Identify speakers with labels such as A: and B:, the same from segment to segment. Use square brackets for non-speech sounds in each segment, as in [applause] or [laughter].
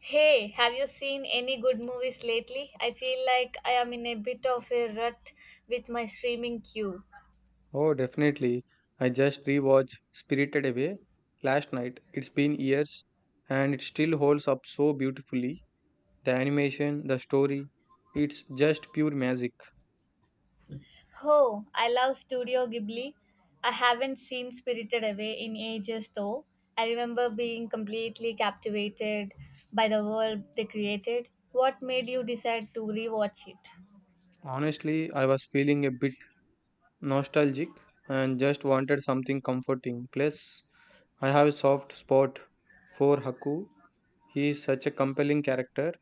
A: Hey, have you seen any good movies lately? I feel like I am in a bit of a rut with my streaming queue.
B: Oh, definitely. I just rewatched Spirited Away last night. It's been years and it still holds up so beautifully. The animation, the story, it's just pure magic.
A: Oh, I love Studio Ghibli. I haven't seen Spirited Away in ages though. I remember being completely captivated by the world they created. What made you decide to rewatch it?
B: Honestly, I was feeling a bit nostalgic and just wanted something comforting. Plus, I have a soft spot for Haku. He is such a compelling character.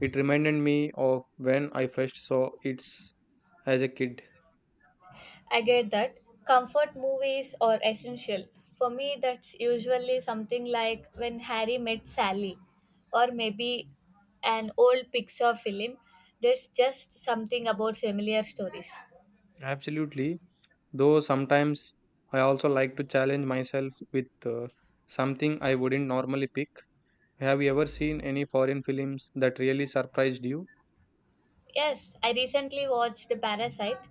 B: It reminded me of when I first saw it as a kid.
A: I get that. Comfort movies are essential. For me, that's usually something like When Harry Met Sally, or maybe an old Pixar film. There's just something about familiar stories.
B: Absolutely. Though sometimes I also like to challenge myself with something I wouldn't normally pick. Have you ever seen any foreign films that really surprised you?
A: Yes, I recently watched Parasite,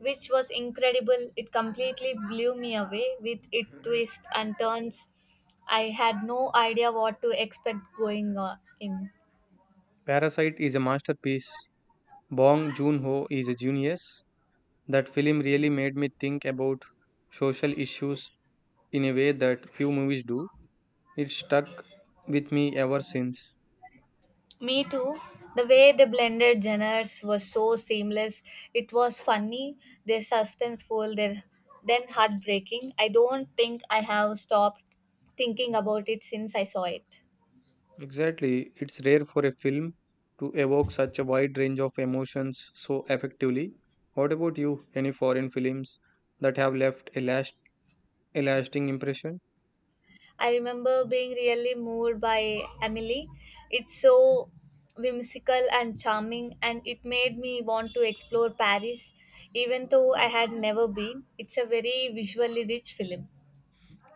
A: which was incredible. It completely blew me away with its twists and turns. I had no idea what to expect going in.
B: Parasite is a masterpiece. Bong Joon-ho is a genius. That film really made me think about social issues in a way that few movies do. It stuck with me ever since.
A: Me too. The way they blended genres was so seamless. It was funny, their suspenseful, their then heartbreaking. I don't think I have stopped thinking about it since I saw it.
B: Exactly. It's rare for a film to evoke such a wide range of emotions so effectively. What about you? Any foreign films that have left a lasting impression?
A: I remember being really moved by Emily. It's so whimsical and charming, and it made me want to explore Paris, even though I had never been. It's a very visually rich film.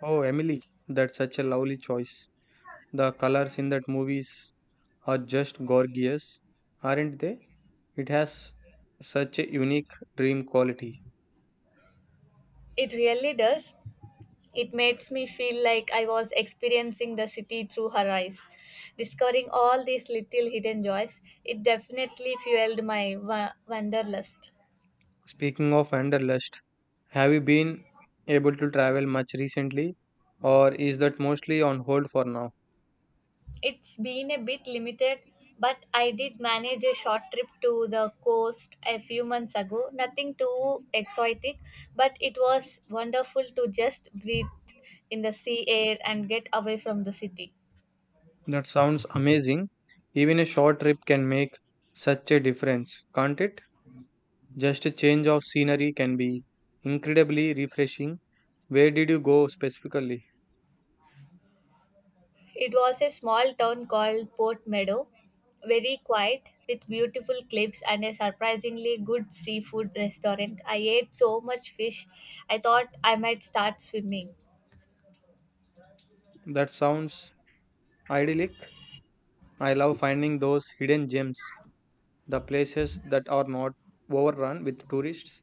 B: Oh, Emily, that's such a lovely choice. The colors in that movies are just gorgeous, aren't they? It has such a unique dream quality.
A: It really does. It makes me feel like I was experiencing the city through her eyes, discovering all these little hidden joys. It definitely fueled my wanderlust.
B: Speaking of Wanderlust, have you been able to travel much recently, or is that mostly on hold for now?
A: It's been a bit limited, but I did manage a short trip to the coast a few months ago. Nothing too exotic, but it was wonderful to just breathe in the sea air and get away from the city.
B: That sounds amazing. Even a short trip can make such a difference, can't it? Just a change of scenery can be incredibly refreshing. Where did you go specifically?
A: It was a small town called Port Meadow, very quiet, with beautiful cliffs and a surprisingly good seafood restaurant. I ate so much fish, I thought I might start swimming.
B: That sounds idyllic. I love finding those hidden gems, the places that are not overrun with tourists.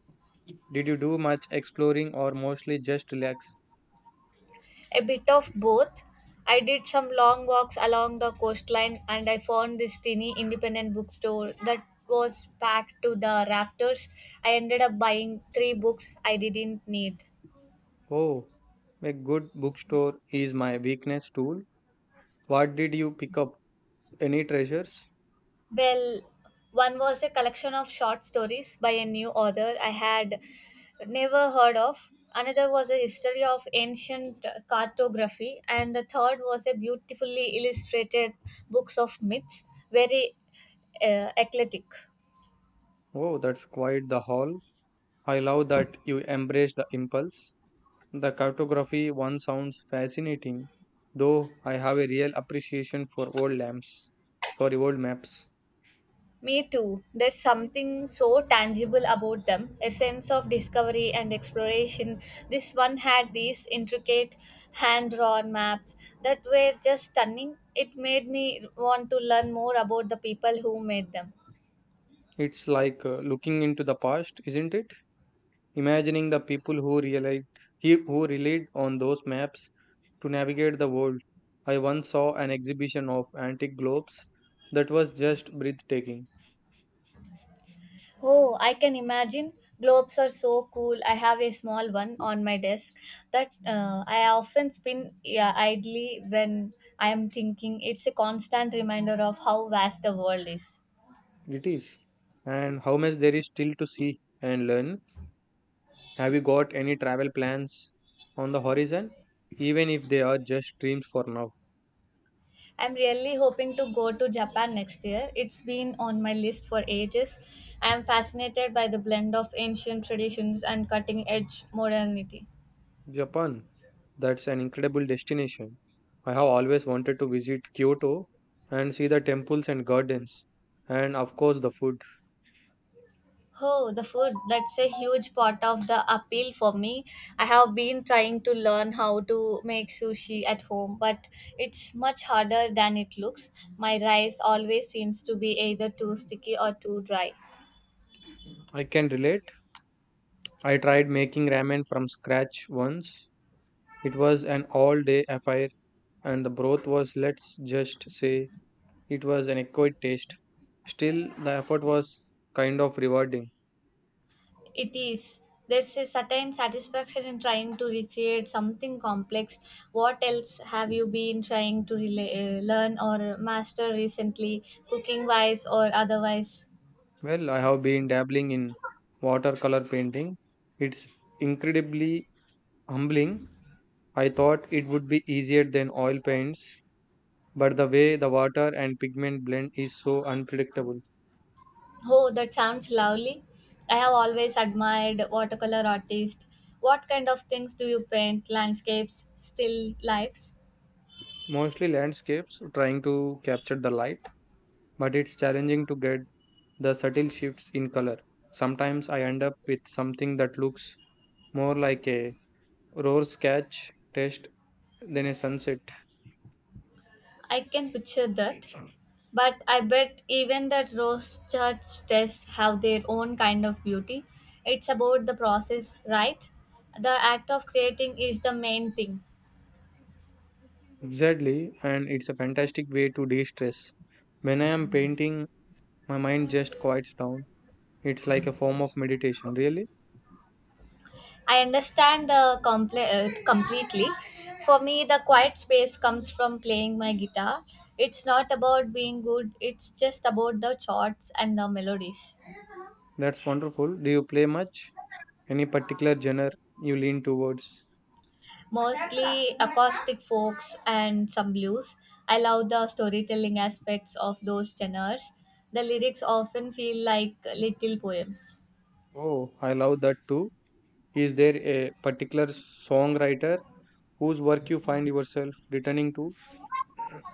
B: Did you do much exploring or mostly just relax?
A: A bit of both. I did some long walks along the coastline and I found this tiny independent bookstore that was packed to the rafters. I ended up buying three books I didn't need.
B: Oh, a good bookstore is my weakness tool. What did you pick up? Any treasures?
A: Well, one was a collection of short stories by a new author I had never heard of. Another was a history of ancient cartography, and the third was a beautifully illustrated books of myths, very eclectic.
B: Oh, that's quite the haul. I love that you embrace the impulse. The cartography one sounds fascinating, though I have a real appreciation for old lamps. Sorry, old maps.
A: Me too. There's something so tangible about them a sense of discovery and exploration. This one had these intricate hand drawn maps that were just stunning. It made me want to learn more about the people who made them.
B: It's like looking into the past, isn't it? Imagining the people who relied on those maps to navigate the world. I once saw an exhibition of antique globes that was just breathtaking.
A: Oh, I can imagine. Globes are so cool. I have a small one on my desk that I often spin, yeah, idly when I am thinking. It's a constant reminder of how vast the world is.
B: It is. And how much there is still to see and learn. Have you got any travel plans on the horizon? Even if they are just dreams for now.
A: I'm really hoping to go to Japan next year. It's been on my list for ages. I'm fascinated by the blend of ancient traditions and cutting edge modernity.
B: Japan, that's an incredible destination. I have always wanted to visit Kyoto and see the temples and gardens, and of course, the food.
A: Oh, the food. That's a huge part of the appeal for me. I have been trying to learn how to make sushi at home, but it's much harder than it looks. My rice always seems to be either too sticky or too dry.
B: I can relate. I tried making ramen from scratch once. It was an all day affair, and the broth was, let's just say, it was an acquired taste. Still, the effort was kind of rewarding.
A: It is. There's a certain satisfaction in trying to recreate something complex. What else have you been trying to learn or master recently, cooking wise or otherwise?
B: Well, I have been dabbling in watercolor painting. It's incredibly humbling. I thought it would be easier than oil paints, but the way the water and pigment blend is so unpredictable.
A: Oh, that sounds lovely. I have always admired watercolor artists. What kind of things do you paint? Landscapes, still lifes?
B: Mostly landscapes, trying to capture the light, but it's challenging to get the subtle shifts in color. Sometimes I end up with something that looks more like a rose sketch test than a sunset.
A: I can picture that. But I bet even the rose church tests have their own kind of beauty. It's about the process, right? The act of creating is the main thing.
B: Exactly, and it's a fantastic way to de stress. When I am painting, my mind just quiets down. It's like a form of meditation, really.
A: I understand the completely. For me, the quiet space comes from playing my guitar. It's not about being good, it's just about the chords and the melodies.
B: That's wonderful. Do you play much? Any particular genre you lean towards?
A: Mostly acoustic folks and some blues. I love the storytelling aspects of those tenors. The lyrics often feel like little poems.
B: Oh, I love that too. Is there a particular songwriter whose work you find yourself returning to?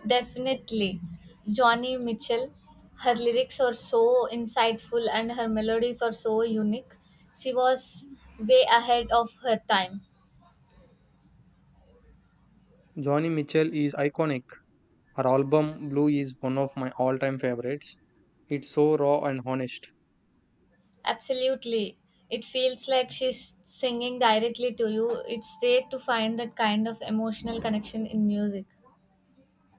A: Definitely, Johnny Mitchell, her lyrics are so insightful and her melodies are so unique. She was way ahead of her time.
B: Johnny Mitchell is iconic. Her album Blue is one of my all time favorites. It's so raw and honest.
A: Absolutely. It feels like she's singing directly to you. It's rare to find that kind of emotional connection in music.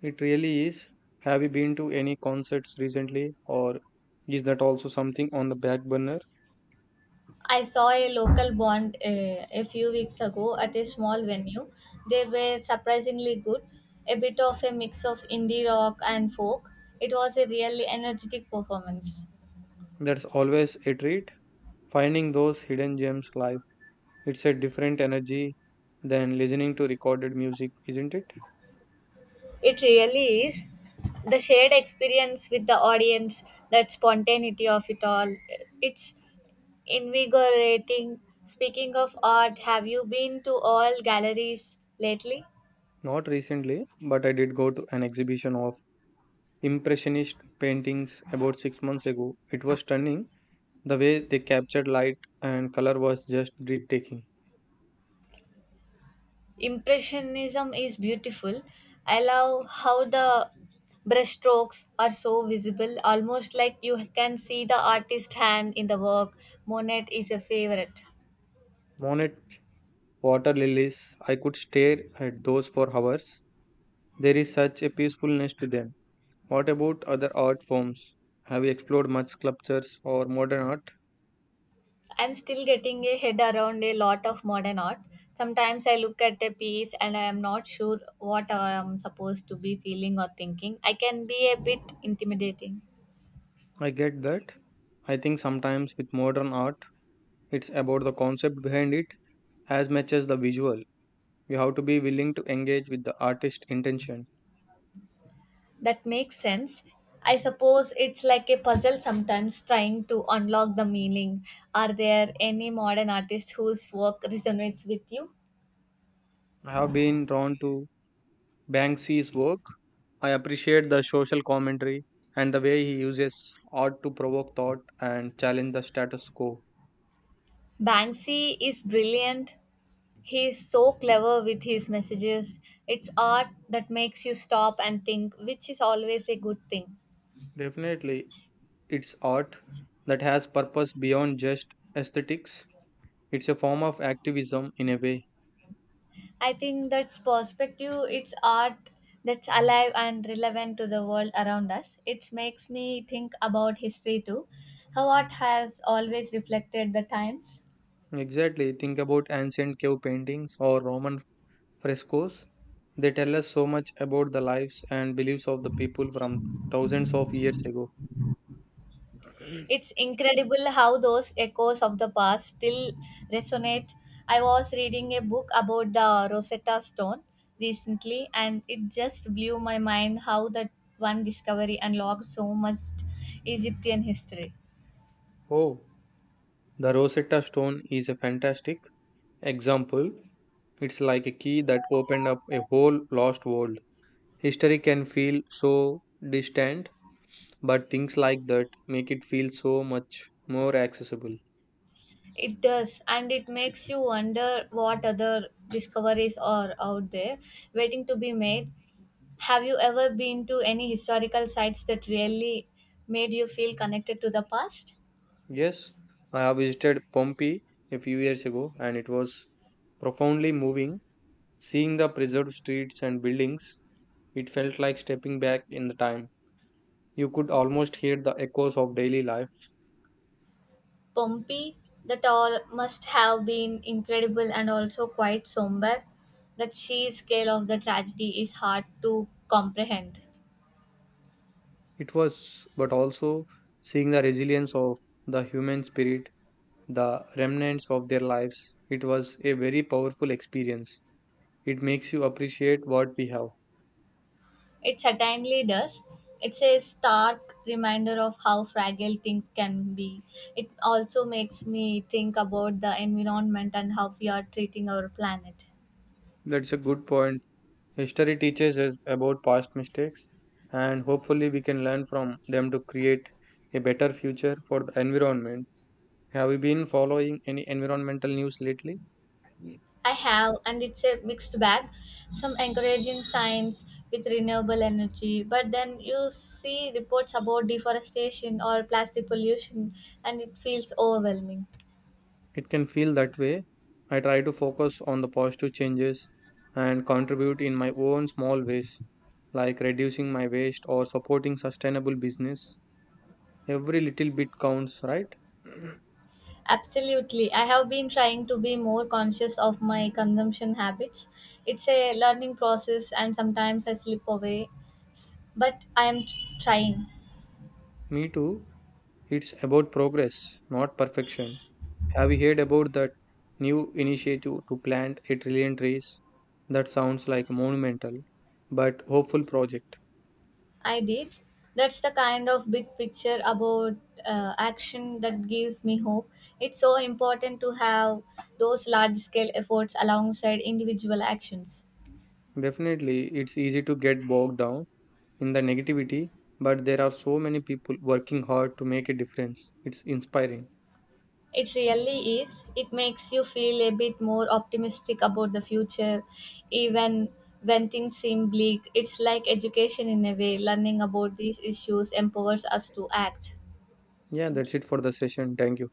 B: It really is. Have you been to any concerts recently, or is that also something on the back burner?
A: I saw a local band a few weeks ago at a small venue. They were surprisingly good, a bit of a mix of indie rock and folk. It was a really energetic performance.
B: That's always a treat. Finding those hidden gems live. It's a different energy than listening to recorded music, isn't it?
A: It really is. The shared experience with the audience, that spontaneity of it all, it's invigorating. Speaking of art, have you been to all galleries lately?
B: Not recently, but I did go to an exhibition of Impressionist paintings about 6 months ago. It was stunning. The way they captured light and color was just breathtaking.
A: Impressionism is beautiful. I love how the brushstrokes are so visible, almost like you can see the artist's hand in the work. Monet is a favorite.
B: Monet water lilies, I could stare at those for hours. There is such a peacefulness to them. What about other art forms? Have you explored much sculptures or modern art?
A: I'm still getting a head around a lot of modern art. Sometimes I look at a piece and I am not sure what I am supposed to be feeling or thinking. I can be a bit intimidating.
B: I get that. I think sometimes with modern art, it's about the concept behind it as much as the visual. You have to be willing to engage with the artist's intention.
A: That makes sense. I suppose it's like a puzzle sometimes trying to unlock the meaning. Are there any modern artists whose work resonates with you?
B: I have been drawn to Banksy's work. I appreciate the social commentary and the way he uses art to provoke thought and challenge the status quo.
A: Banksy is brilliant. He is so clever with his messages. It's art that makes you stop and think, which is always a good thing.
B: Definitely, it's art that has purpose beyond just aesthetics. It's a form of activism in a way.
A: I think that's perspective. It's art that's alive and relevant to the world around us. It makes me think about history too, how art has always reflected the times.
B: Exactly. Think about ancient cave paintings or Roman frescoes. They tell us so much about the lives and beliefs of the people from thousands of years ago. [clears throat]
A: It's incredible how those echoes of the past still resonate. I was reading a book about the Rosetta Stone recently, and it just blew my mind how that one discovery unlocked so much Egyptian history.
B: Oh, the Rosetta Stone is a fantastic example. It's like a key that opened up a whole lost world. History can feel so distant but things like that make it feel so much more accessible.
A: It does, and it makes you wonder what other discoveries are out there waiting to be made. Have you ever been to any historical sites that really made you feel connected to the past?
B: Yes, I have visited Pompeii a few years ago and it was profoundly moving. Seeing the preserved streets and buildings, it felt like stepping back in the time. You could almost hear the echoes of daily life.
A: Pompeii, that all must have been incredible and also quite somber. The sheer scale of the tragedy is hard to comprehend.
B: It was, but also seeing the resilience of the human spirit, the remnants of their lives, it was a very powerful experience. It makes you appreciate what we have.
A: It certainly does. It's a stark reminder of how fragile things can be. It also makes me think about the environment and how we are treating our planet.
B: That's a good point. History teaches us about past mistakes, and hopefully, we can learn from them to create a better future for the environment. Have you been following any environmental news lately?
A: I have, and it's a mixed bag. Some encouraging signs with renewable energy, but then you see reports about deforestation or plastic pollution, and it feels overwhelming.
B: It can feel that way. I try to focus on the positive changes and contribute in my own small ways, like reducing my waste or supporting sustainable business. Every little bit counts, right? [clears throat]
A: Absolutely. I have been trying to be more conscious of my consumption habits. It's a learning process, and sometimes I slip away, but I am trying.
B: Me too. It's about progress, not perfection. Have you heard about that new initiative to plant a trillion trees? That sounds like a monumental but hopeful project.
A: I did. That's the kind of big picture about action that gives me hope. It's so important to have those large scale efforts alongside individual actions.
B: Definitely, it's easy to get bogged down in the negativity, but there are so many people working hard to make a difference. It's inspiring.
A: It really is. It makes you feel a bit more optimistic about the future, even when things seem bleak. It's like education in a way. Learning about these issues empowers us to act.
B: Yeah, that's
A: Thank
B: it for
A: you.
B: the session. Thank you.